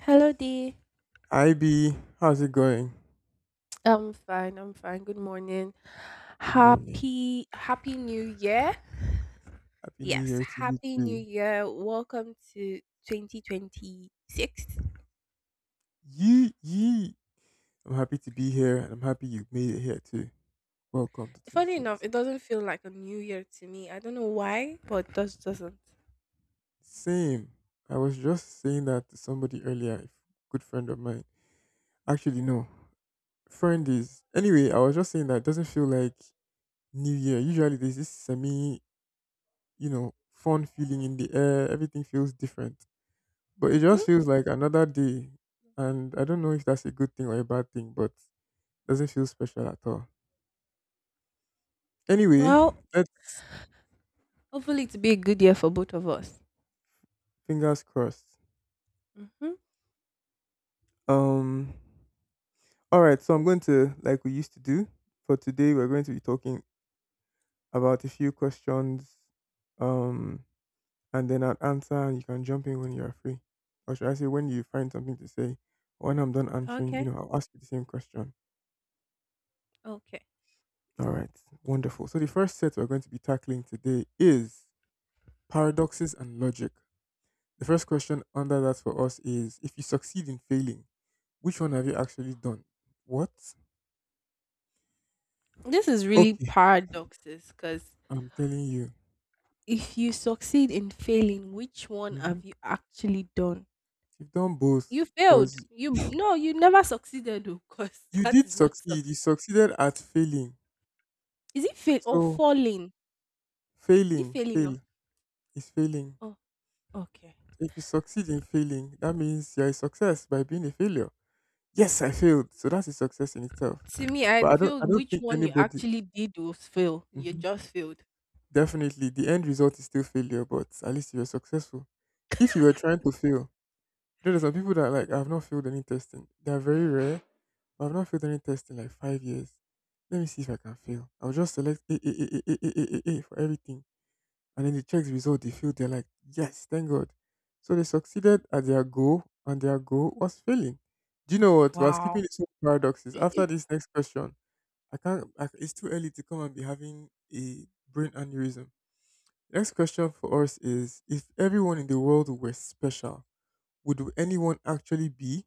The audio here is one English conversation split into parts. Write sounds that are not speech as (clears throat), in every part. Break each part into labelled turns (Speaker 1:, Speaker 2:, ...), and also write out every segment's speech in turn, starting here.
Speaker 1: Hello, D.
Speaker 2: Hi B, how's it going?
Speaker 1: I'm fine. I'm fine. Good morning.
Speaker 2: Good morning.
Speaker 1: Happy New Year.
Speaker 2: Happy New
Speaker 1: Yes,
Speaker 2: Year to you
Speaker 1: Happy New
Speaker 2: too.
Speaker 1: Year. Welcome to 2026.
Speaker 2: Yee yee. I'm happy to be here and I'm happy you made it here too. Welcome to
Speaker 1: Funny enough, it
Speaker 2: 2026.
Speaker 1: doesn't feel like a new year to me. I don't know why, but it just doesn't.
Speaker 2: Same. I was just saying that to somebody earlier, a good friend of mine. Actually, no. Friend is anyway, I was just saying that it doesn't feel like New Year. Usually there's this semi, fun feeling in the air. Everything feels different. But it
Speaker 1: Mm-hmm.
Speaker 2: just feels like another day. And I don't know if that's a good thing or a bad thing, but doesn't feel special at all. Anyway,
Speaker 1: Well,
Speaker 2: let's
Speaker 1: hopefully it'll be a good year for both of us.
Speaker 2: fingers crossed.
Speaker 1: Mm-hmm.
Speaker 2: Um all right, so I'm going to like we used to do for today we're going to be talking about a few questions um and then I'll answer and you can jump in when you are free. Or should I say when you find something to say? When I'm done answering,
Speaker 1: Okay.
Speaker 2: I'll ask you the same question.
Speaker 1: Okay.
Speaker 2: All right, wonderful. So the first set we're going to be tackling today is paradoxes and logic. The first question under that for us is if you succeed in failing, which one have you actually done? What?
Speaker 1: This is really
Speaker 2: Okay,
Speaker 1: paradoxes because
Speaker 2: I'm telling you.
Speaker 1: if you succeed in failing, which one
Speaker 2: hmm
Speaker 1: have you actually done?
Speaker 2: You've done
Speaker 1: You
Speaker 2: both
Speaker 1: failed.
Speaker 2: because
Speaker 1: You
Speaker 2: you
Speaker 1: no, you never succeeded though, because (laughs) that
Speaker 2: did
Speaker 1: is not
Speaker 2: succeed.
Speaker 1: suc
Speaker 2: You succeeded at failing.
Speaker 1: Is it fail or
Speaker 2: So
Speaker 1: falling? Is it
Speaker 2: failing,
Speaker 1: failing
Speaker 2: fail
Speaker 1: or
Speaker 2: is failing.
Speaker 1: oh okay.
Speaker 2: If you succeed in failing, that means you're a success by being a failure. Yes, I failed. So that's a success in itself.
Speaker 1: To me, I
Speaker 2: But I don't I
Speaker 1: feel
Speaker 2: don't
Speaker 1: which
Speaker 2: think
Speaker 1: one you
Speaker 2: anybody.
Speaker 1: actually did was fail. You
Speaker 2: Mhm.
Speaker 1: just failed.
Speaker 2: Definitely the end result is still failure, but at least you were successful. If you were trying to fail, there are some people that like I've not failed any testing. They are very rare. But I've not failed any test in like 5 years. Let me see if I can fail. I'll just select A for everything. And then the check result, they feel they're like, yes, thank God. So they succeeded at their goal, and their goal was failing. Do you know what? We're skipping
Speaker 1: Wow.
Speaker 2: these paradoxes. After
Speaker 1: (clears throat)
Speaker 2: this next question, I can't, I, it's too early to come and be having a brain aneurysm. Next question for us is if everyone in the world were special, would anyone actually be?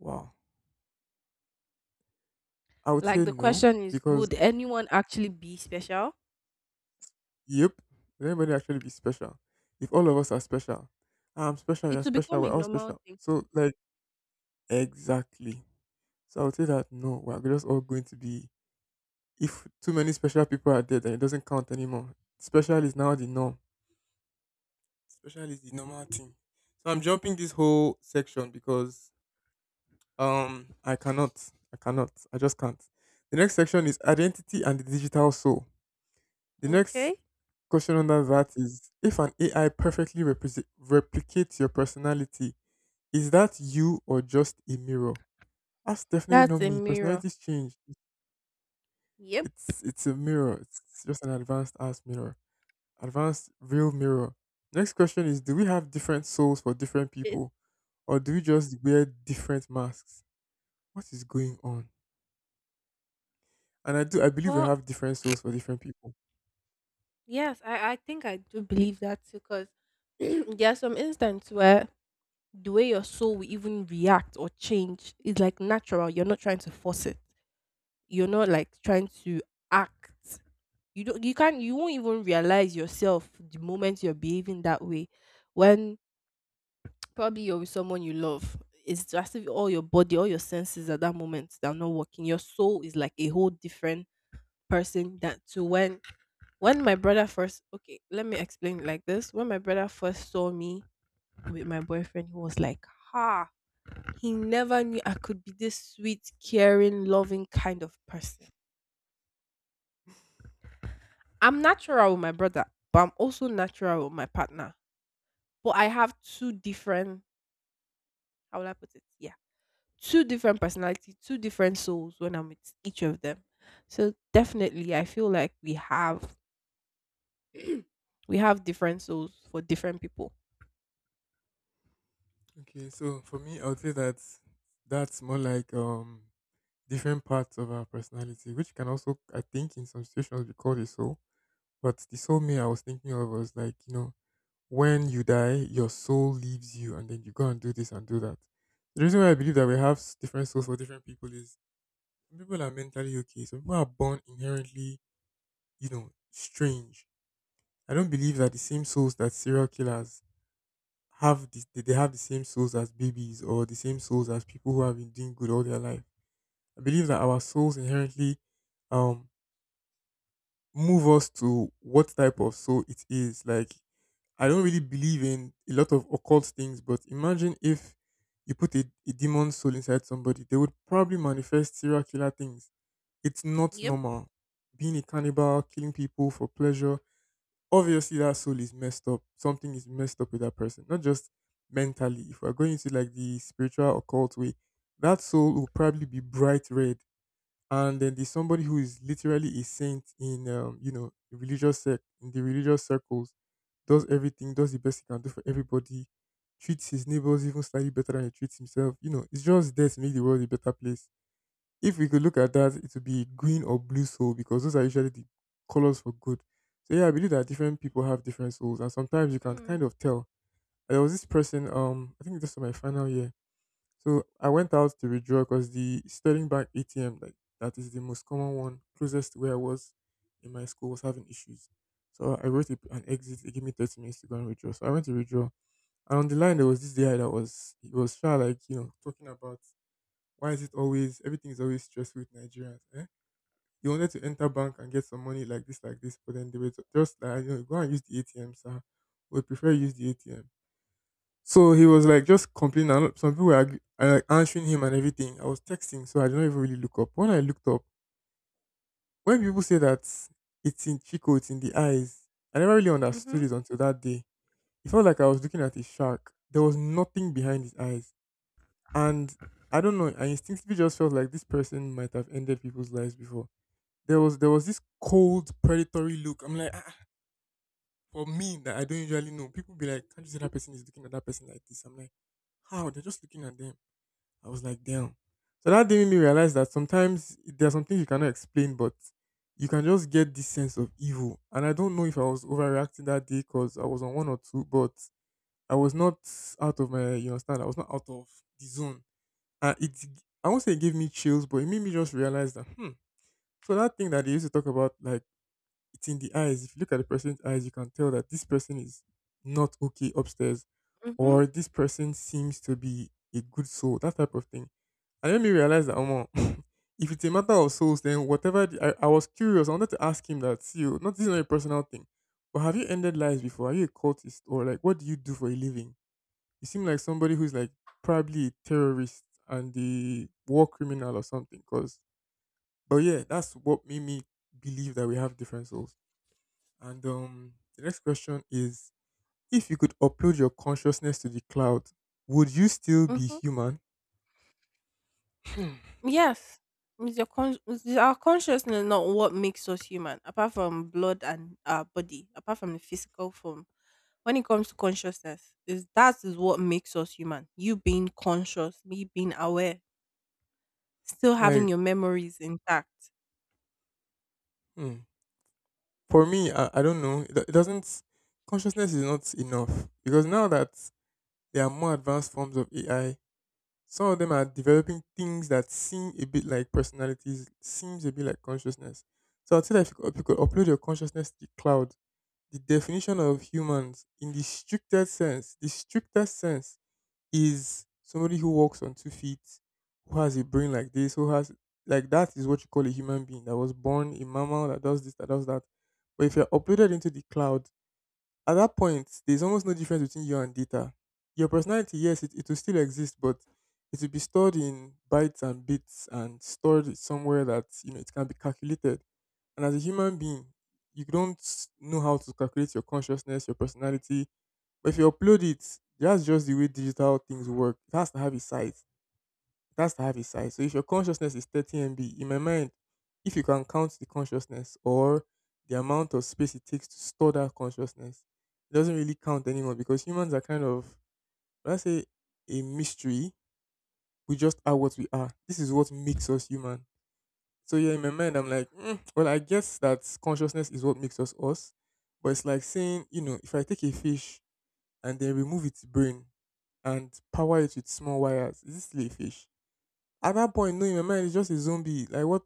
Speaker 2: Wow. I would say
Speaker 1: Like the
Speaker 2: no,
Speaker 1: question is,
Speaker 2: because
Speaker 1: would anyone actually be special?
Speaker 2: yep. Will anybody actually be special? If all of us are special, I'm special,
Speaker 1: It
Speaker 2: you're
Speaker 1: will
Speaker 2: special,
Speaker 1: become a
Speaker 2: we're all
Speaker 1: normal
Speaker 2: special.
Speaker 1: thing.
Speaker 2: So, like, exactly. So, I would say that no, we're just all going to be. If too many special people are there, then it doesn't count anymore. Special is now the norm. Special is the normal thing. So, I'm jumping this whole section because I cannot. I cannot. I just can't. The next section is identity and the digital soul. The next
Speaker 1: Okay.
Speaker 2: question under that is if an AI perfectly replicates your personality, is that you or just a mirror? That's definitely not
Speaker 1: That's a
Speaker 2: me.
Speaker 1: mirror.
Speaker 2: Personalities change.
Speaker 1: Yep.
Speaker 2: It's a mirror. It's just an advanced ass mirror. Advanced real mirror. Next question is do we have different souls for different
Speaker 1: It,
Speaker 2: people? Or do we just wear different masks? What is going on? And I believe we
Speaker 1: well,
Speaker 2: have different souls for different people.
Speaker 1: yes, I think I do believe that too because (clears throat) there are some instances where the way your soul will even react or change is like natural. You're not trying to force it. You're not like trying to act. You won't even realize yourself the moment you're behaving that way. When (tsk) probably you're with someone you love. It's just if all your body, all your senses at that moment they're not working. Your soul is like a whole different person that to when my brother first okay, let me explain it like this. When my brother first saw me with my boyfriend, he was like, Ha. He never knew I could be this sweet, caring, loving kind of person. I'm natural with my brother, but I'm also natural with my partner. But I have two different, how will I put it? Yeah, two different personalities, two different souls when I'm with each of them. So definitely, I feel like we have different souls for different people.
Speaker 2: Okay, so for me I would say that that's more like different parts of our personality, which can also, I think, in some situations be called a soul. But the soul me I was thinking of was like, you know, when you die, your soul leaves you, and then you go and do this and do that. The reason why I believe that we have different souls for different people is some people are mentally okay, some people are born inherently, you know, strange. I don't believe that the same souls that serial killers have, they have the same souls as babies or the same souls as people who have been doing good all their life. I believe that our souls inherently um move us to what type of soul it is. Like, I don't really believe in a lot of occult things, but imagine if you put a demon soul inside somebody, they would probably manifest serial killer things. It's not
Speaker 1: Yep.
Speaker 2: normal. Being a cannibal, killing people for pleasure, obviously that soul is messed up. Something is messed up with that person, not just mentally. If we're going into like the spiritual occult way, that soul will probably be bright red, and then there's somebody who is literally a saint in you know, religious in the religious circles, does everything, does the best he can do for everybody, treats his neighbors even slightly better than he treats himself. You know, it's just there to make the world a better place. If we could look at that, it would be green or blue soul because those are usually the colors for good. So yeah, I believe that different people have different souls and sometimes you can
Speaker 1: Mm,
Speaker 2: kind of tell. There was this person, I think this was my final year, so I went out to withdraw because the Sterling Bank ATM, like that is the most common one closest to where I was in my school, was having issues. So I wrote an exit. It gave me 30 minutes to go and withdraw. So I went to withdraw, and on the line there was this guy that was he was sure like you know talking about why is it always everything is always stressful with Nigerians. Eh? He wanted to enter bank and get some money like this, but then they were just like, you know, go and use the ATM, sir. We prefer use the ATM. So he was like just complaining. And some people were like answering him and everything. I was texting, so I did not even really look up. When I looked up, when people say that it's in Chico, it's in the eyes, I never really understood
Speaker 1: mhm,
Speaker 2: it until that day. It felt like I was looking at a shark. There was nothing behind his eyes. And I don't know, I instinctively just felt like this person might have ended people's lives before. There was this cold, predatory look. I'm like, ah, for me that I don't usually know. People be like, can't you see that person is looking at that person like this? I'm like, how? They're just looking at them. I was like, damn. So that day made me realize that sometimes there are some things you cannot explain, but you can just get this sense of evil. And I don't know if I was overreacting that day because I was on one or two, but I was not out of my, you understand, I was not out of the zone. And it, I won't say it gave me chills, but it made me just realize that, hmm. So that thing that they used to talk about, like it's in the eyes. If you look at the person's eyes, you can tell that this person is not okay upstairs,
Speaker 1: mhm,
Speaker 2: or this person seems to be a good soul. That type of thing and then me realize that, (laughs) if it's a matter of souls, then whatever. I was curious. I wanted to ask him that, see, you, not this is not a personal thing, but have you ended lives before? Are you a cultist or like what do you do for a living? You seem like somebody who's like probably a terrorist and a war criminal or something. Cause, but yeah, that's what made me believe that we have different souls. And the next question is: if you could upload your consciousness to the cloud, would you still be
Speaker 1: mhm.
Speaker 2: human? Hmm.
Speaker 1: Yes. It's your It's our consciousness not what makes us human, apart from blood and our body, apart from the physical form. When it comes to consciousness, is that is what makes us human. You being conscious, me being aware, still
Speaker 2: Like,
Speaker 1: having your memories intact.
Speaker 2: hmm. For me, I don't know. It doesn't. Consciousness is not enough because now that there are more advanced forms of AI, some of them are developing things that seem a bit like personalities, seems a bit like consciousness. So I'd say that if you could upload your consciousness to the cloud, the definition of humans in the strictest sense, is somebody who walks on 2 feet, who has a brain like this, who has like that is what you call a human being that was born a mammal that does this, that does that. But if you're uploaded into the cloud, at that point, there's almost no difference between you and data. Your personality, yes, it will still exist, but it will be stored in bytes and bits and stored somewhere that you know it can be calculated. And as a human being, you don't know how to calculate your consciousness, your personality, but if you upload it, that's just the way digital things work. It has to have a size. It has to have a size. So if your consciousness is 30 MB, in my mind, if you can count the consciousness or the amount of space it takes to store that consciousness, it doesn't really count anymore because humans are kind of, let's say, a mystery. We just are what we are. This is what makes us human. So yeah, in my mind, I'm like, "Mm, well, I guess that consciousness is what makes us us. But it's like saying, you know, if I take a fish and then remove its brain and power it with small wires. Is this still a fish? At that point, no, in my mind, it's just a zombie. Like what?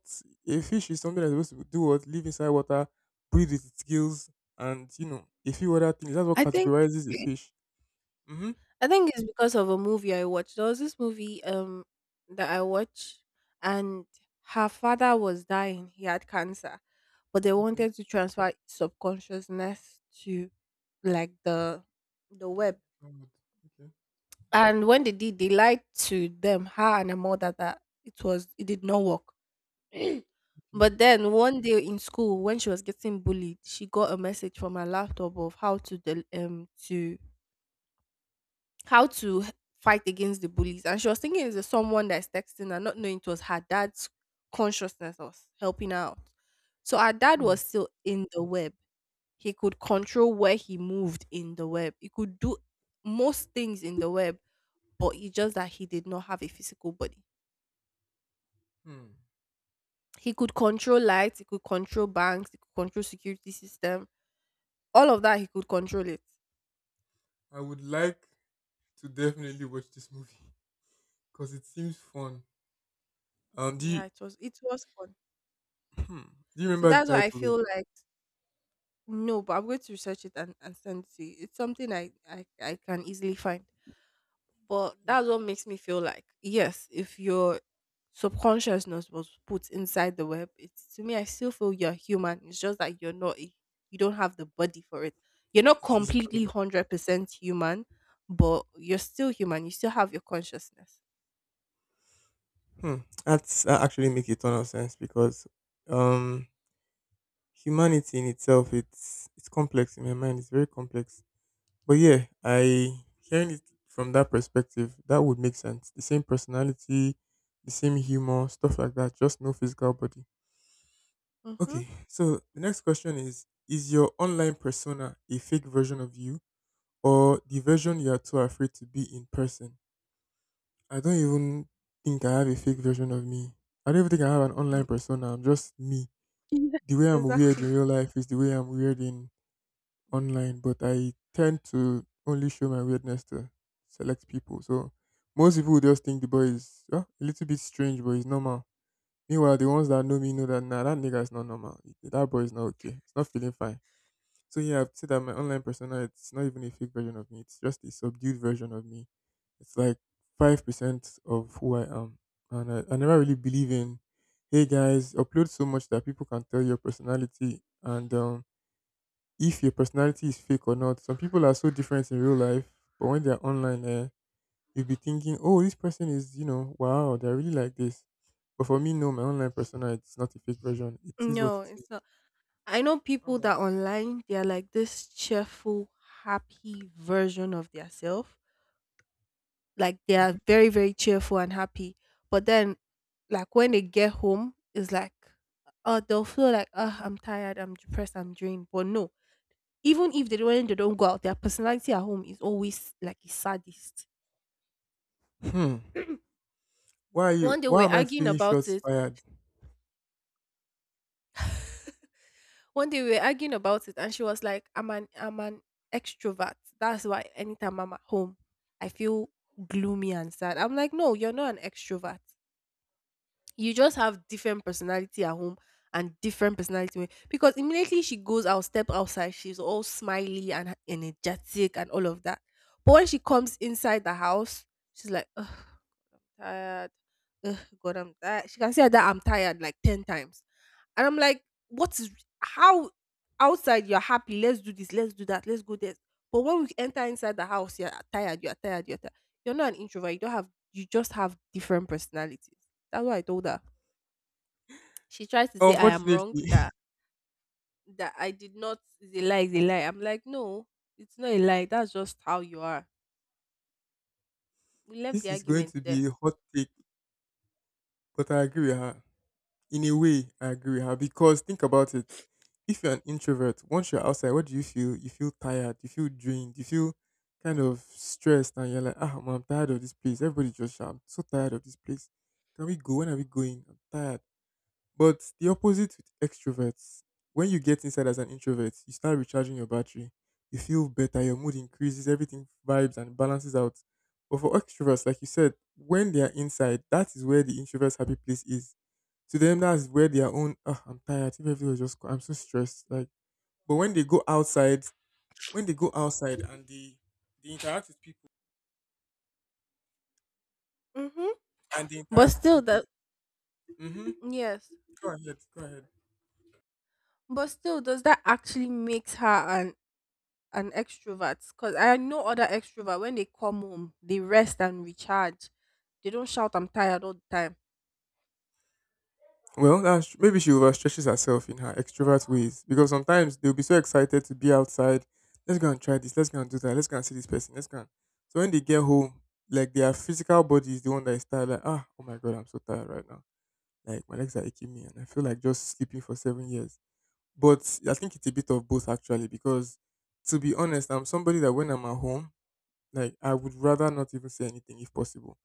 Speaker 2: A fish is something that's supposed to do what? Live inside water, breathe with its gills, and you know a few other things. That's what
Speaker 1: I think
Speaker 2: categorizes a fish. Mm-hmm.
Speaker 1: I think it's because of a movie I watched. There was this movie that I watched, and her father was dying. He had cancer. But they
Speaker 2: Okay.
Speaker 1: wanted to transfer subconsciousness to like the web.
Speaker 2: I would- Okay.
Speaker 1: And when they did, they lied to them, her and her mother that it did not work. (clears throat)
Speaker 2: Okay.
Speaker 1: But then one day in school when she was getting bullied, she got a message from her laptop of how to how to fight against the bullies. And she was thinking it's someone that's texting her, not knowing it was her dad's consciousness was helping her out. So her dad
Speaker 2: Hmm.
Speaker 1: was still in the web. He could control where he moved in the web. He could do most things in the web, but it's just that he did not have a physical body.
Speaker 2: Hmm.
Speaker 1: He could control lights, he could control banks, he could control security system. All of that he could control it.
Speaker 2: I would like to definitely watch this movie because it seems fun. Do you,
Speaker 1: Yeah, it was fun.
Speaker 2: (clears throat) do you
Speaker 1: So
Speaker 2: remember the
Speaker 1: that's why I
Speaker 2: title? Though?
Speaker 1: feel like No, but I'm going to research it and send it to you. It's something I can easily find. But
Speaker 2: Thank
Speaker 1: that's
Speaker 2: you.
Speaker 1: what makes me feel like, yes, if your subconsciousness was put inside the web, it's to me, I still feel you're human. It's just that you're not, a, you don't have the body for it. You're not
Speaker 2: Physical.
Speaker 1: completely 100% human, but you're still human. You still have your consciousness.
Speaker 2: Hmm. That's, that actually makes a ton of sense because um, humanity in itself it's complex in my mind. It's very complex. But yeah, I hearing it from that perspective, that would make sense. The same personality, the same humor, stuff like that. Just no physical body.
Speaker 1: Mm-hmm.
Speaker 2: Okay. So the next question is your online persona a fake version of you, or the version you are too afraid to be in person? I don't even think I have a fake version of me. I don't even think I have an online persona. I'm just me.
Speaker 1: Yes.
Speaker 2: The way
Speaker 1: (laughs)
Speaker 2: I'm weird in
Speaker 1: Exactly.
Speaker 2: real life is the way I'm weird in online, but I tend to only show my weirdness to select people. So most people would just think the boy is "Ah, a little bit strange, but he's normal." Meanwhile, the ones that know me know that nah, that nigga is not normal. That boy is not okay. It's not feeling fine. So yeah, I've said that my online persona, it's not even a fake version of me. It's just a subdued version of me. It's like 5% of who I am. And I never really believe in hey guys, upload so much that people can tell your personality and if your personality is fake or not. Some people are so different in real life, but when they're online eh, you'll be thinking, "Oh, this person is, you know, wow, they're really like this." But for me, no, my online persona it's not a fake version. It is what
Speaker 1: No,
Speaker 2: it is.
Speaker 1: it's not. I know
Speaker 2: How
Speaker 1: people
Speaker 2: about
Speaker 1: that online they are like this cheerful, happy version of their self. Like they
Speaker 2: Mhm.
Speaker 1: are very, very cheerful and happy. But then like when they get home, it's like oh they'll feel like oh I'm tired, I'm depressed, I'm drained. But no. Even if they don't go out, their personality at home is always like a sadist.
Speaker 2: Hmm. Why are you?
Speaker 1: One day we
Speaker 2: Why
Speaker 1: we're
Speaker 2: am I
Speaker 1: arguing
Speaker 2: feeling
Speaker 1: about
Speaker 2: shots
Speaker 1: it
Speaker 2: fired?
Speaker 1: One day we were arguing about it, and she was like, "I'm an extrovert. That's why anytime I'm at home, I feel gloomy and sad." I'm like, "No, you're not an extrovert. You just have different personality at home. And different personality when-" because immediately she goes out, step outside. She's all smiley and energetic and all of that. But when she comes inside the house, she's like, Ugh, tired. Ugh, God, I'm tired. She can say that I'm tired like 10 times. And I'm like, what is how outside you're happy, let's do this, let's do that, let's go there. But when we enter inside the house, you're tired. You're not an introvert, you don't have you just have different personalities. That's what I told her. She tries to say I am wrong,
Speaker 2: Unfortunately, (laughs)
Speaker 1: that that I did not is a lie, is a lie. I'm like, no, it's not a lie. That's just how you are. We left
Speaker 2: this
Speaker 1: the
Speaker 2: is going
Speaker 1: argument
Speaker 2: to
Speaker 1: there.
Speaker 2: be a hot take, but I agree with her. In a way, I agree with her because think about it. If you're an introvert, once you're outside, what do you feel? You feel tired, you feel drained, you feel kind of stressed, and you're like, ah, man, I'm tired of this place. Everybody just shout, I'm so tired of this place. Can we go? When are we going? I'm tired. But the opposite with extroverts, when you get inside as an introvert, you start recharging your battery. You feel better, your mood increases, everything vibes and balances out. But for extroverts, like you said, when they are inside, that is where the introvert's happy place is. To them, that's where their own, oh, I'm tired, if everything was just, co- I'm so stressed. Like, but when they go outside, when they go outside and they, they interact with people,
Speaker 1: Hmm.
Speaker 2: and they
Speaker 1: But
Speaker 2: interact with
Speaker 1: still, that
Speaker 2: people, mm-hmm,
Speaker 1: yes,
Speaker 2: go ahead, go ahead.
Speaker 1: but still, does that actually makes her an extrovert? Because I know other extrovert when they come home, they rest and recharge. They don't shout "I'm tired" all the time.
Speaker 2: Well, that's, maybe she overstretches herself in her extrovert ways because sometimes they'll be so excited to be outside. Let's go and try this. Let's go and do that. Let's go and see this person. Let's go. And... So when they get home, like their physical body is the one that is tired. Like ah, oh my god, I'm so tired right now. Like my legs are aching me, and I feel like just sleeping for 7 years. But I think it's a bit of both actually because to be honest, I'm somebody that when I'm at home, like I would rather not even say anything if possible.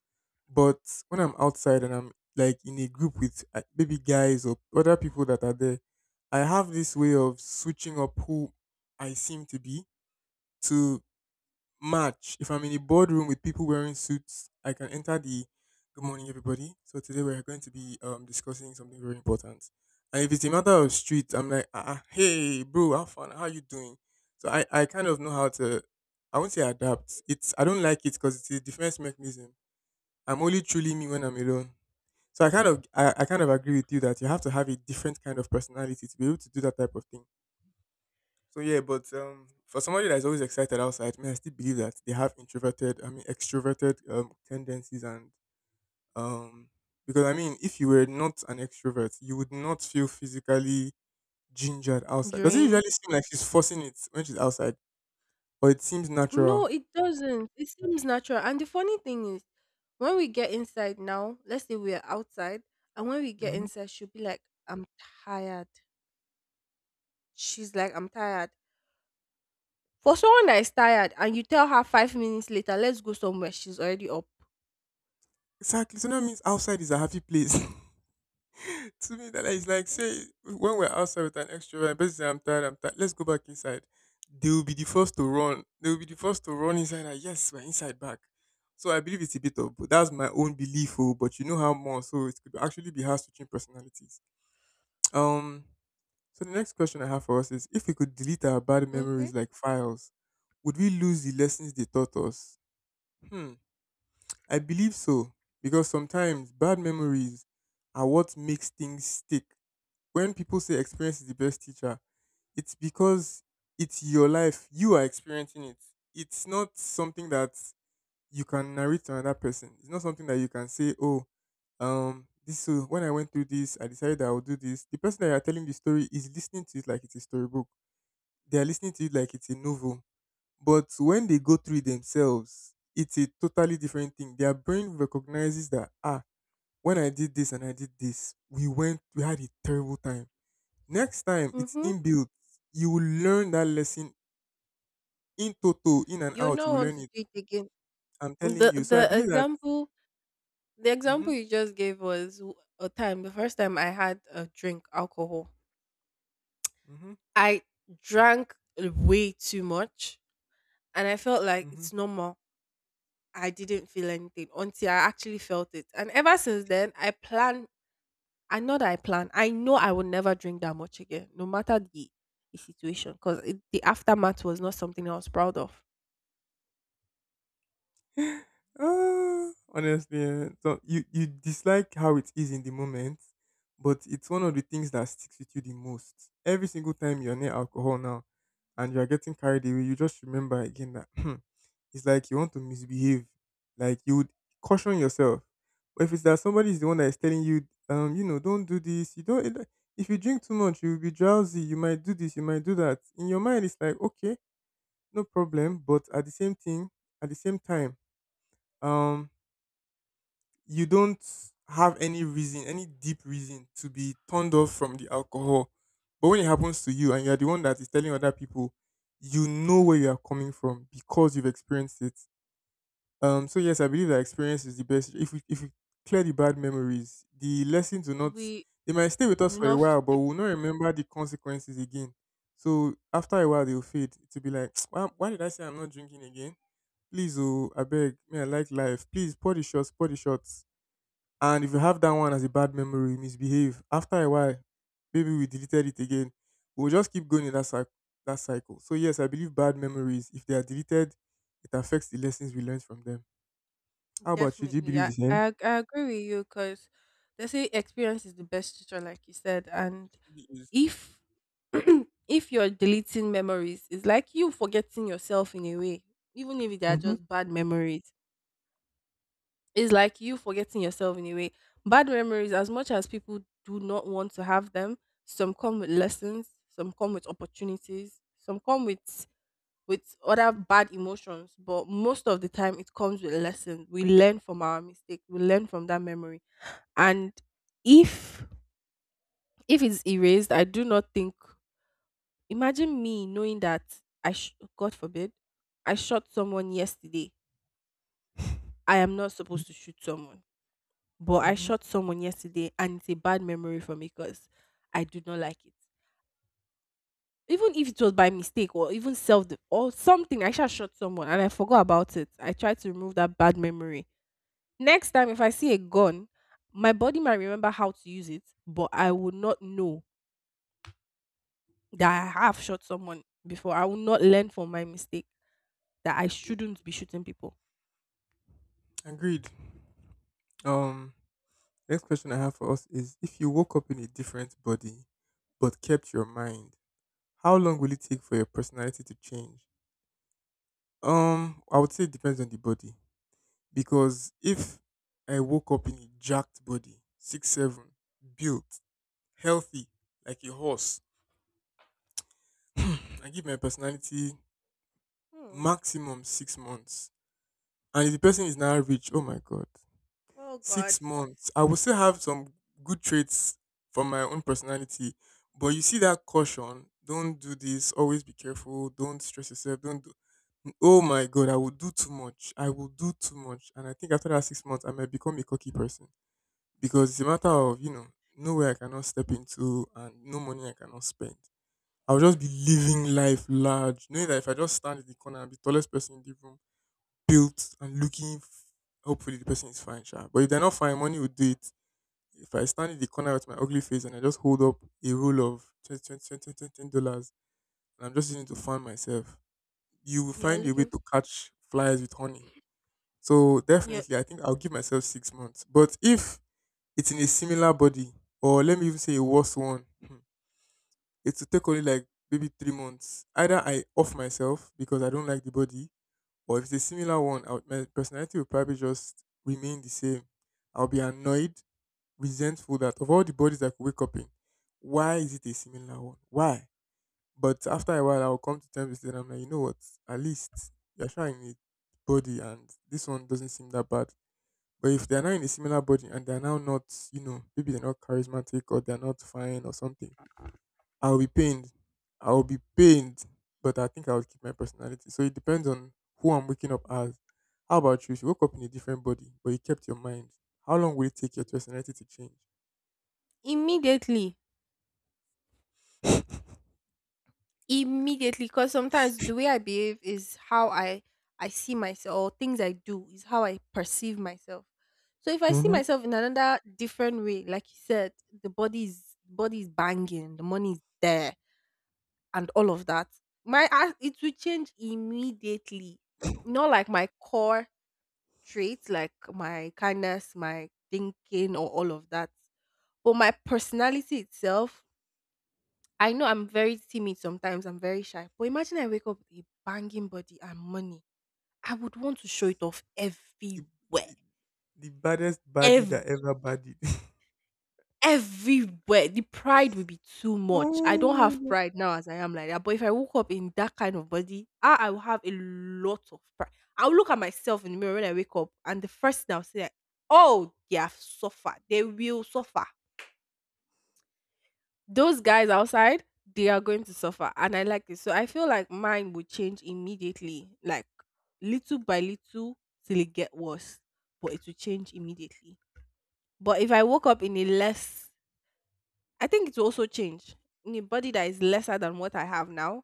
Speaker 2: But when I'm outside and I'm like in a group with maybe guys or other people that are there, I have this way of switching up who I seem to be to match. If I'm in a boardroom with people wearing suits, I can enter the good morning, everybody. So today we're going to be discussing something very important. And if it's a matter of street, I'm like, hey, bro, how fun? How you doing? So I kind of know how to, I won't say adapt. It's I don't like it because it's a defense mechanism. I'm only truly me when I'm alone. So I kind of agree with you that you have to have a different kind of personality to be able to do that type of thing. So yeah, but for somebody that's always excited outside, me I still believe that they have introverted, I mean extroverted tendencies and um, because I mean if you were not an extrovert, you would not feel physically gingered outside. Does it usually
Speaker 1: Drain.
Speaker 2: seem like she's forcing it when she's outside, or it seems
Speaker 1: No,
Speaker 2: natural?
Speaker 1: it doesn't. It seems natural. And the funny thing is, when we get inside now, let's say we are outside, and when we get
Speaker 2: Hmm.
Speaker 1: inside, she'll be like, "I'm tired." She's like, "I'm tired." For someone that is tired, and you tell her 5 minutes later, "Let's go somewhere," she's already up.
Speaker 2: Exactly. So that means outside is a happy place. (laughs) To me that is like say when we're outside with an extrovert, basically I'm tired, I'm tired. Let's go back inside. They will be the first to run. They will be the first to run inside. Like, yes, we're inside back. So I believe it's a bit of, but that's my own belief. Oh, but you know how more. So it could actually be hard switching personalities. Um. So the next question I have for us is: If we could delete our bad memories
Speaker 1: Okay.
Speaker 2: like files, would we lose the lessons they taught us? Hmm. I believe so because sometimes bad memories are what makes things stick when people say experience is the best teacher, it's because it's your life. You are experiencing it. It's not something that you can narrate to another person. It's not something that you can say, oh, this so when I went through this, I decided that I would do this. The person that you are telling the story is listening to it like it's a storybook. They are listening to it like it's a novel. But when they go through it themselves, it's a totally different thing. Their brain recognizes that ah, when I did this and I did this, we had a terrible time. Next time it's
Speaker 1: Mm-hmm.
Speaker 2: inbuilt, you will learn that lesson in toto, in and
Speaker 1: You'll
Speaker 2: out. You
Speaker 1: not
Speaker 2: will
Speaker 1: want
Speaker 2: learn
Speaker 1: to
Speaker 2: it.
Speaker 1: do it again.
Speaker 2: I'm telling
Speaker 1: the
Speaker 2: you. So I
Speaker 1: the
Speaker 2: believe that.
Speaker 1: example, the
Speaker 2: Hmm.
Speaker 1: example you just gave was w- a time the first time I had a drink alcohol.
Speaker 2: Hmm.
Speaker 1: I drank way too much and I felt like
Speaker 2: Hmm.
Speaker 1: it's normal. I didn't feel anything until I actually felt it. And ever since then I plan. I know I will never drink that much again, no matter the situation, because the aftermath was not something I was proud of.
Speaker 2: Ah, honestly, eh, so you dislike how it is in the moment, but it's one of the things that sticks with you the most. Every single time you're near alcohol now, and you are getting carried away, you just remember again that (clears throat) it's like you want to misbehave, like you would caution yourself. But if it's that somebody is the one that is telling you, you know, don't do this, you don't. It- If you drink too much, you'll be drowsy. You might do this, you might do that. In your mind, it's like okay, no problem, but at the same time um you don't have any reason, any deep reason to be turned off from the alcohol. But when it happens to you and you're the one that is telling other people, you know where you are coming from because you've experienced it. So yes, I believe that experience is the best. If we clear the bad memories, the lessons will not
Speaker 1: We
Speaker 2: they might stay with us for a
Speaker 1: not
Speaker 2: while, but
Speaker 1: stick-
Speaker 2: we'll not remember the consequences again. So after a while, they'll fade to be like (tsk) why did I say I'm not drinking again, please, oh I beg. May I like life, please, pour the shots, pour the shots. And if you have that one as a bad memory, misbehave. After a while, maybe we deleted it again. We'll just keep going in that cycle. That cycle. So yes, I believe bad memories, if they are deleted, it affects the lessons we learned from them. How about you? Do you
Speaker 1: definitely.
Speaker 2: believe the
Speaker 1: I,
Speaker 2: same?
Speaker 1: I I agree with you because they say experience is the best teacher, like you said, and
Speaker 2: It really is.
Speaker 1: if (clears throat) if you're deleting memories, it's like you forgetting yourself in a way. Even if they are
Speaker 2: Mm-hmm.
Speaker 1: just bad memories, it's like you forgetting yourself in a way. Bad memories, as much as people do not want to have them, some come with lessons, some come with opportunities, some come with other bad emotions. But most of the time, it comes with lessons. We learn from our mistake. We learn from that memory. And if if it's erased, I do not think Imagine me knowing that I, sh- God forbid, I shot someone yesterday. I am not supposed to shoot someone, but I
Speaker 2: Mm-hmm.
Speaker 1: shot someone yesterday, and it's a bad memory for me because I do not like it. Even if it was by mistake or even self de- or something, I shall shot someone and I forgot about it. I tried to remove that bad memory. Next time, if I see a gun, my body might remember how to use it, but I will not know that I have shot someone before. I will not learn from my mistake that I shouldn't be shooting people.
Speaker 2: Agreed. Um, next question I have for us is: If you woke up in a different body but kept your mind, how long will it take for your personality to change? I would say it depends on the body. Because if I woke up in a jacked body, 6'7", built, healthy, like a horse, (clears throat) I give my personality
Speaker 1: Hmm.
Speaker 2: maximum 6 months. And if the person is now rich, oh my god,
Speaker 1: Oh God.
Speaker 2: 6 months. I will still have some good traits from my own personality. But you see that caution, don't do this, always be careful, don't stress yourself, don't do oh my god, I will do too much. I will do too much. And I think after that 6 months I might become a cocky person, because it's a matter of, nowhere I cannot step into and no money I cannot spend. I'll just be living life large, knowing that if I just stand in the corner, and be the tallest person in the room, built and looking. Hopefully, the person is fine, sure. But if they're not fine, money will do it. If I stand in the corner with my ugly face and I just hold up a roll of 20 twenty, 20, 20, $10 and I'm just using it to fund myself, you will
Speaker 1: You are
Speaker 2: find a way
Speaker 1: looking.
Speaker 2: to catch flies with honey. So
Speaker 1: You
Speaker 2: definitely, I think I'll give myself 6 months. But if it's in a similar body, or let me even say a worse one. Hmm. It will take only like maybe 3 months. Either I off myself because I don't like the body, or if it's a similar one, my personality will probably just remain the same. I'll be annoyed, resentful that of all the bodies I could wake up in, why is it a similar one? Why? But after a while, I'll come to terms with it and I'm like, you know what? At least you're trying it body, and this one doesn't seem that bad. But if they're now in a similar body and they're now not, maybe they're not charismatic or they're not fine or something, I'll be pained. I'll be pained, but I think I would keep my personality. So it depends on who I'm waking up as. How about you? If you woke up in a different body, but you kept your mind, how long will it take your personality to change?
Speaker 1: immediately, immediately, because sometimes the way I behave is how I see myself, or things I do is how I perceive myself. So if I see
Speaker 2: Mm-hmm.
Speaker 1: myself in another different way, like you said, the body is banging, the money is there, and all of that, my ass- it will change immediately. Not like my core traits, like my kindness, my thinking, or all of that, but my personality itself I know I'm very timid sometimes, I'm very shy. But imagine I wake up with a banging body and money. I would want to show it off
Speaker 2: The,
Speaker 1: everywhere.
Speaker 2: the, the baddest body
Speaker 1: Ev-
Speaker 2: that ever bodied.
Speaker 1: everywhere. The pride would be too
Speaker 2: (laughs)
Speaker 1: much. I
Speaker 2: Oh
Speaker 1: don't
Speaker 2: my
Speaker 1: have
Speaker 2: god.
Speaker 1: pride now as I am like that. But if I woke up in that kind of body, I will have a lot of pride. I'll look at myself in the mirror when I wake up, and the first thing I'll say, like, oh, they have suffered. They will suffer. Those guys outside, they are going to suffer and I like it. So I feel like mine would change immediately, like little by little till it get worse. But it will change immediately. But if I woke up in a less, I think it will also change. In a body that is lesser than what I have now,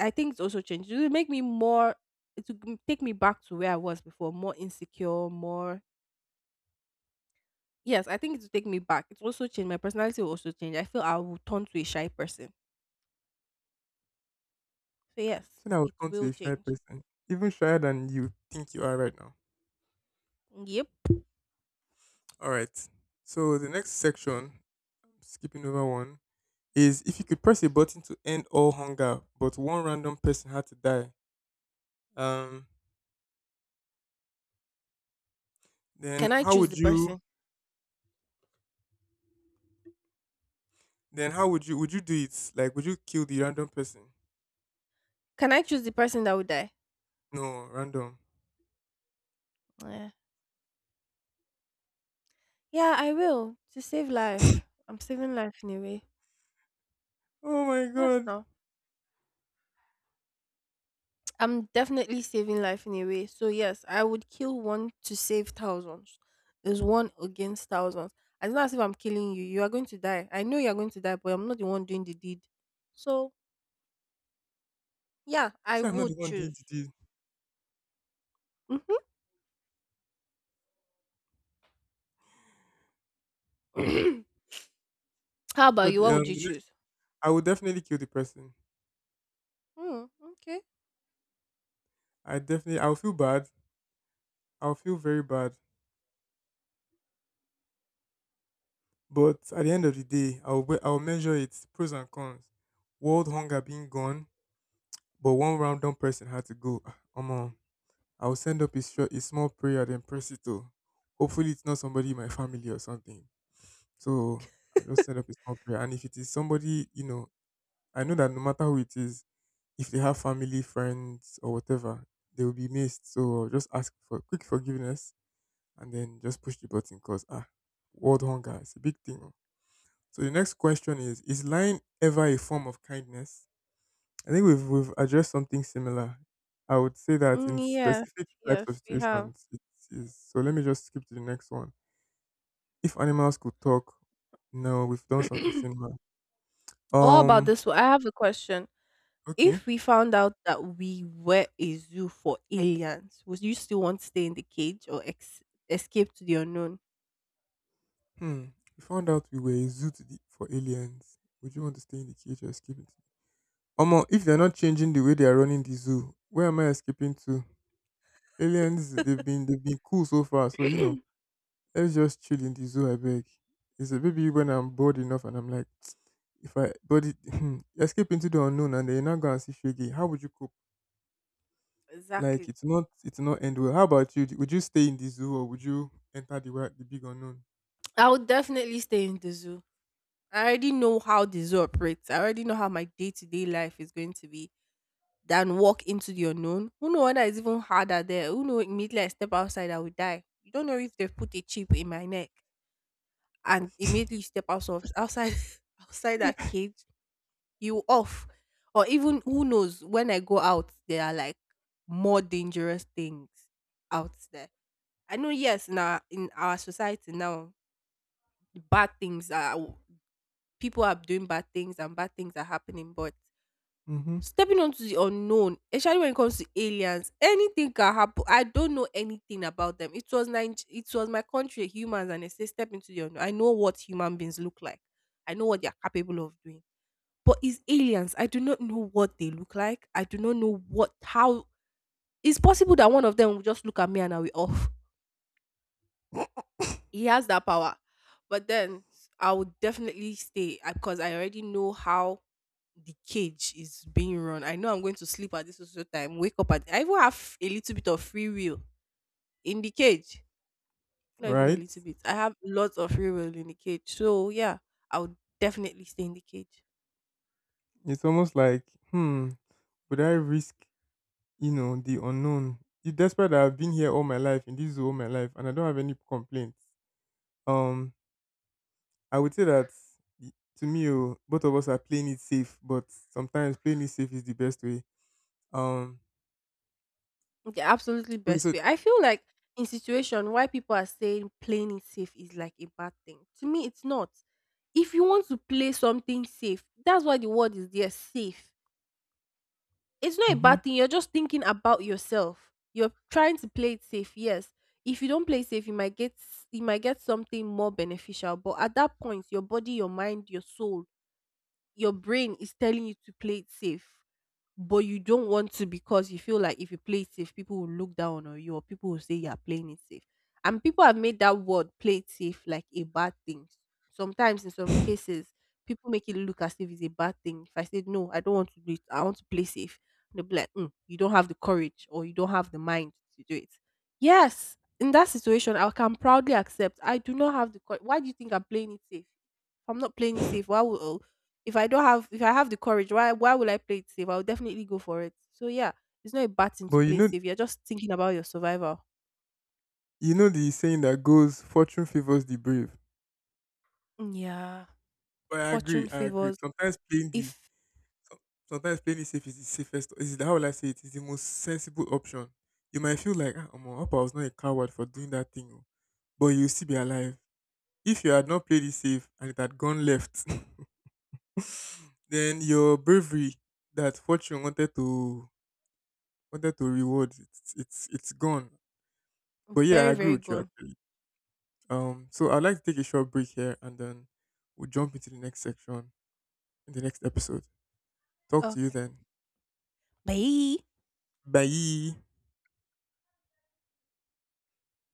Speaker 1: I think it's also changed. It will make me more, it will take me back to where I was before. More insecure, more, yes, I think it will take me back. It will also change. My personality will also change. I feel I will turn to a shy person. So yes,
Speaker 2: So I'll
Speaker 1: it
Speaker 2: turn to
Speaker 1: will
Speaker 2: a shy
Speaker 1: change.
Speaker 2: person, even shyer than you think you are right now.
Speaker 1: Yep.
Speaker 2: All right. So the next section skipping over one, is if you could press a button to end all hunger, but one random person had to die, um, then
Speaker 1: Can I
Speaker 2: how
Speaker 1: choose
Speaker 2: would
Speaker 1: the
Speaker 2: you?
Speaker 1: person?
Speaker 2: Then how would you? Would you do it? Like, would you kill the random person?
Speaker 1: Can I choose the person that will die?
Speaker 2: No, random.
Speaker 1: Yeah. Yeah, I will. To save life. I'm saving life in a way.
Speaker 2: Oh my
Speaker 1: Yes,
Speaker 2: god!
Speaker 1: no. I'm definitely saving life in a way. So yes, I would kill one to save thousands. There's one against thousands. It's not as if I'm killing you. You are going to die. I know you're going to die, but I'm not the one doing the deed. So yeah, I
Speaker 2: See, I'm not the
Speaker 1: would
Speaker 2: one doing
Speaker 1: choose.
Speaker 2: the deed.
Speaker 1: Hmm. (coughs) (clears throat) How
Speaker 2: So
Speaker 1: about you? What would you
Speaker 2: the next,
Speaker 1: choose?
Speaker 2: I would definitely kill the person.
Speaker 1: Mm, okay.
Speaker 2: I definitely, I'll feel bad. I'll feel very bad. But at the end of the day, I'll measure its pros and cons. World hunger being gone, but one random person had to go. Ah, Omo, I'll send up a, short, a small prayer, then press it to. Hopefully, it's not somebody in my family or something. So I'll just send up a small prayer. And if it is somebody, you know, I know that no matter who it is, if they have family, friends, or whatever, they will be missed. So I'll just ask for quick forgiveness and then just push the button because, ah, world hunger is a big thing. Oh. So the next question is: is lying ever a form of kindness? I think we've addressed something similar. I would say that
Speaker 1: Mm,
Speaker 2: in
Speaker 1: yes,
Speaker 2: specific types of
Speaker 1: yes, we have.
Speaker 2: situations, it is. So let me just skip to the next one. If animals could talk, no, we've done something
Speaker 1: (coughs) (clears throat)
Speaker 2: similar.
Speaker 1: All about
Speaker 2: Um.
Speaker 1: this one? I have a question.
Speaker 2: Okay.
Speaker 1: If we found out that we were a zoo for aliens, would you still want to stay in the cage or escape to the unknown?
Speaker 2: Hmm. We found out we were a zoo to the, for aliens. Would you want to stay in the cage or escape it? Omo, if they're not changing the way they are running the zoo, where am I escaping to? Aliens, they've
Speaker 1: (coughs)
Speaker 2: been they've been cool so far. So you know.
Speaker 1: (clears throat)
Speaker 2: Let's just chill in the zoo, I beg. He said, maybe when I'm bored enough and I'm like, (tsk) if I but it, (clears throat) escape into the unknown and then you're not gonna see Shaggy, how would you cope? Like
Speaker 1: Exactly.
Speaker 2: it's not end well. How about you? Would you stay in the zoo or would you enter the big unknown?
Speaker 1: I would definitely stay in the zoo. I already know how the zoo operates. I already know how my day to day life is going to be. Than walk into the unknown. Who know whether it's even harder there? Who know immediately I step outside I will die. You don't know if they've put a chip in my neck and immediately you step out of outside (laughs) outside that cage, you off. Or even who knows, when I go out, there are like more dangerous things out there. I know, yes, now in our society now bad things are, people are doing bad things and bad things are happening. But
Speaker 2: Mm-hmm.
Speaker 1: stepping onto the unknown, especially when it comes to aliens, anything can happen. I don't know anything about them. It was it was my country, humans, and they say step into the unknown. I know what human beings look like. I know what they are capable of doing. But it's aliens. I do not know what they look like. I do not know what how it's possible that one of them will just look at me and I'll be off. (laughs) He has that power. But then I would definitely stay, because I already know how the cage is being run. I know I'm going to sleep at this social time, wake up at, I even have a little bit of free will in the cage. Not even a
Speaker 2: Right?
Speaker 1: little bit. I have lots of free will in the cage. So yeah, I would definitely stay in the cage.
Speaker 2: It's almost like, hmm, would I risk, the unknown? Despite that I've been here all my life, in this zoo all my life, and I don't have any complaints. Um, I would say that to me, oh, both of us are playing it safe, but sometimes playing it safe is the best way. Um,
Speaker 1: The absolutely
Speaker 2: okay,
Speaker 1: best
Speaker 2: so,
Speaker 1: way. I feel like in situation why people are saying playing it safe is like a bad thing. To me, it's not. If you want to play something safe, that's why the word is there, safe. It's not a
Speaker 2: mhm.
Speaker 1: bad thing. You're just thinking about yourself. You're trying to play it safe. Yes. If you don't play it safe, you might you might get something more beneficial. But at that point, your body, your mind, your soul, your brain is telling you to play it safe, but you don't want to because you feel like if you play it safe, people will look down on you or people will say you are playing it safe. And people have made that word play it safe like a bad thing. Sometimes, in some cases, people make it look as if it's a bad thing. If I said, no, I don't want to do it, I want to play safe, they'll be like, "Mm, you don't have the courage or you don't have the mind to do it." Yes, in that situation, I can proudly accept I do not have the courage. Why do you think I'm playing it safe? If I'm not playing it safe. Why would, oh, if I don't have, if I have the courage, why will I play it safe? I'll definitely go for it. So yeah, it's not a bad thing
Speaker 2: But
Speaker 1: to play safe. You're just thinking about your survival.
Speaker 2: you know the saying that goes, "Fortune favors the brave."
Speaker 1: Yeah.
Speaker 2: But I agree,
Speaker 1: Fortune
Speaker 2: I agree.
Speaker 1: favors
Speaker 2: Sometimes playing
Speaker 1: if
Speaker 2: so- sometimes playing it safe is the safest. Is the, how will I say it? Is the most sensible option. You might feel like, ah, omo, I hope I was not a coward for doing that thing, oh, but you still be alive. If you had not played it safe and it had gone left, (laughs) then your bravery that fortune wanted to reward, it's gone. But yeah, I
Speaker 1: very,
Speaker 2: agree
Speaker 1: very
Speaker 2: with you
Speaker 1: good.
Speaker 2: actually. So I'd like to take a short break here, and then we'll jump into the next section in the next episode. Talk to you
Speaker 1: Okay.
Speaker 2: then.
Speaker 1: Bye.
Speaker 2: Bye.